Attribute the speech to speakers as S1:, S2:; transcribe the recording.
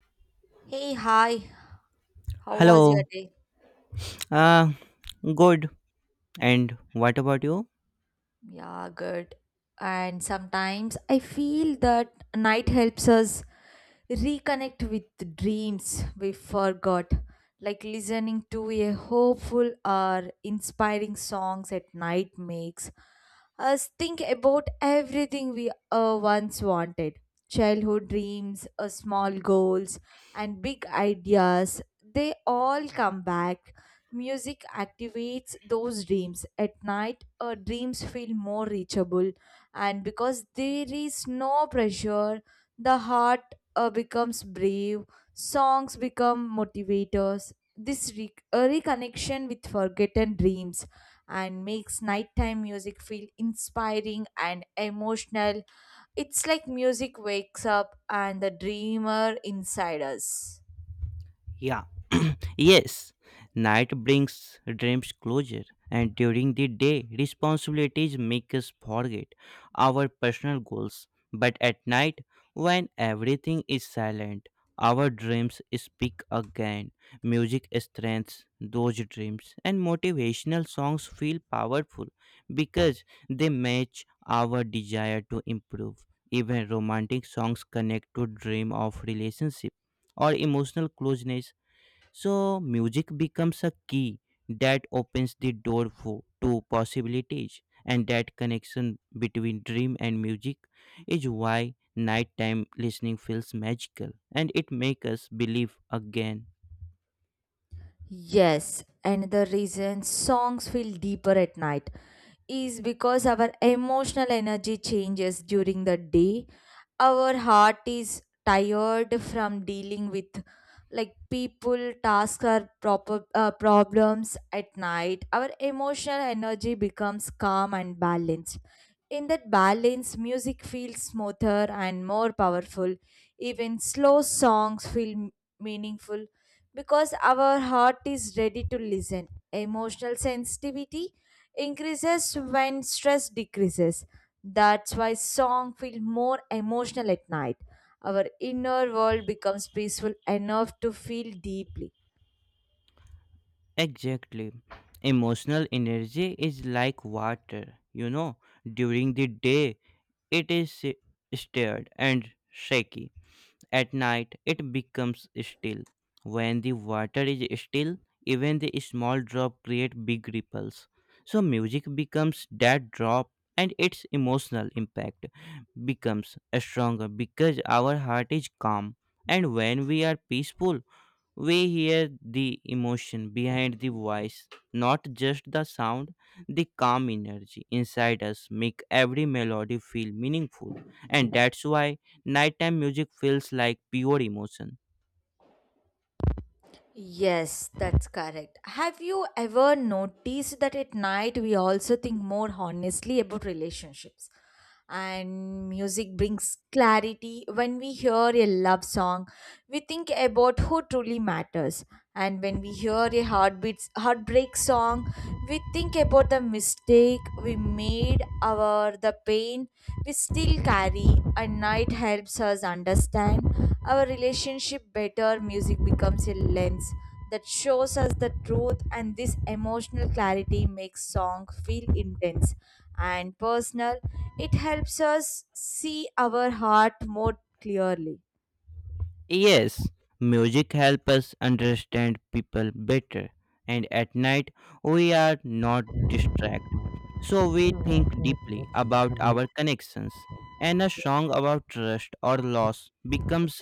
S1: Hey, hi. How was your
S2: Hello.
S1: day?
S2: Uh, Good. And what about you?
S1: Yeah, good. And sometimes I feel that night helps us reconnect with dreams we forgot, like listening to a hopeful or inspiring songs at night makes us think about everything we once wanted. Childhood dreams, small goals, and big ideas, they all come back. Music activates those dreams. At night, our dreams feel more reachable, and because there is no pressure, the heart becomes brave, songs become motivators. A reconnection with forgotten dreams and makes nighttime music feel inspiring and emotional. It's like music wakes up and the dreamer inside us.
S2: Yeah. Yes, night brings dreams closer, and during the day, responsibilities make us forget our personal goals. But at night, when everything is silent, our dreams speak again. Music strengthens those dreams, and motivational songs feel powerful because they match our desire to improve. Even romantic songs connect to dream of relationship or emotional closeness, so music becomes a key that opens the door for, to possibilities, and that connection between dream and music is why nighttime listening feels magical and it makes us believe again.
S1: Yes, and the reason songs feel deeper at night is because our emotional energy changes during the day. Our heart is tired from dealing with like people, tasks, or proper problems at night. Our emotional energy becomes calm and balanced. In that balance, music feels smoother and more powerful. Even slow songs feel meaningful because our heart is ready to listen. Emotional sensitivity increases when stress decreases. That's why song feel more emotional at night. Our inner world becomes peaceful enough to feel deeply.
S2: Exactly. Emotional energy is like water. You know, during the day it is stirred and shaky. At night, it becomes still. When the water is still, even the small drop create big ripples. So music becomes that drop, and its emotional impact becomes stronger because our heart is calm, and when we are peaceful we hear the emotion behind the voice, not just the sound. The calm energy inside us make every melody feel meaningful, and that's why nighttime music feels like pure emotion.
S1: Yes, that's correct. Have you ever noticed that at night we also think more honestly about relationships? And music brings clarity. When we hear a love song, we think about who truly matters. And when we hear a heartbreak song, we think about the mistake we made, our the pain we still carry. And night helps us understand our relationship better, music becomes a lens that shows us the truth, and this emotional clarity makes song feel intense and personal. It helps us see our heart more clearly.
S2: Yes, music helps us understand people better, and at night we are not distracted, so we think deeply about our connections, and a song about trust or loss becomes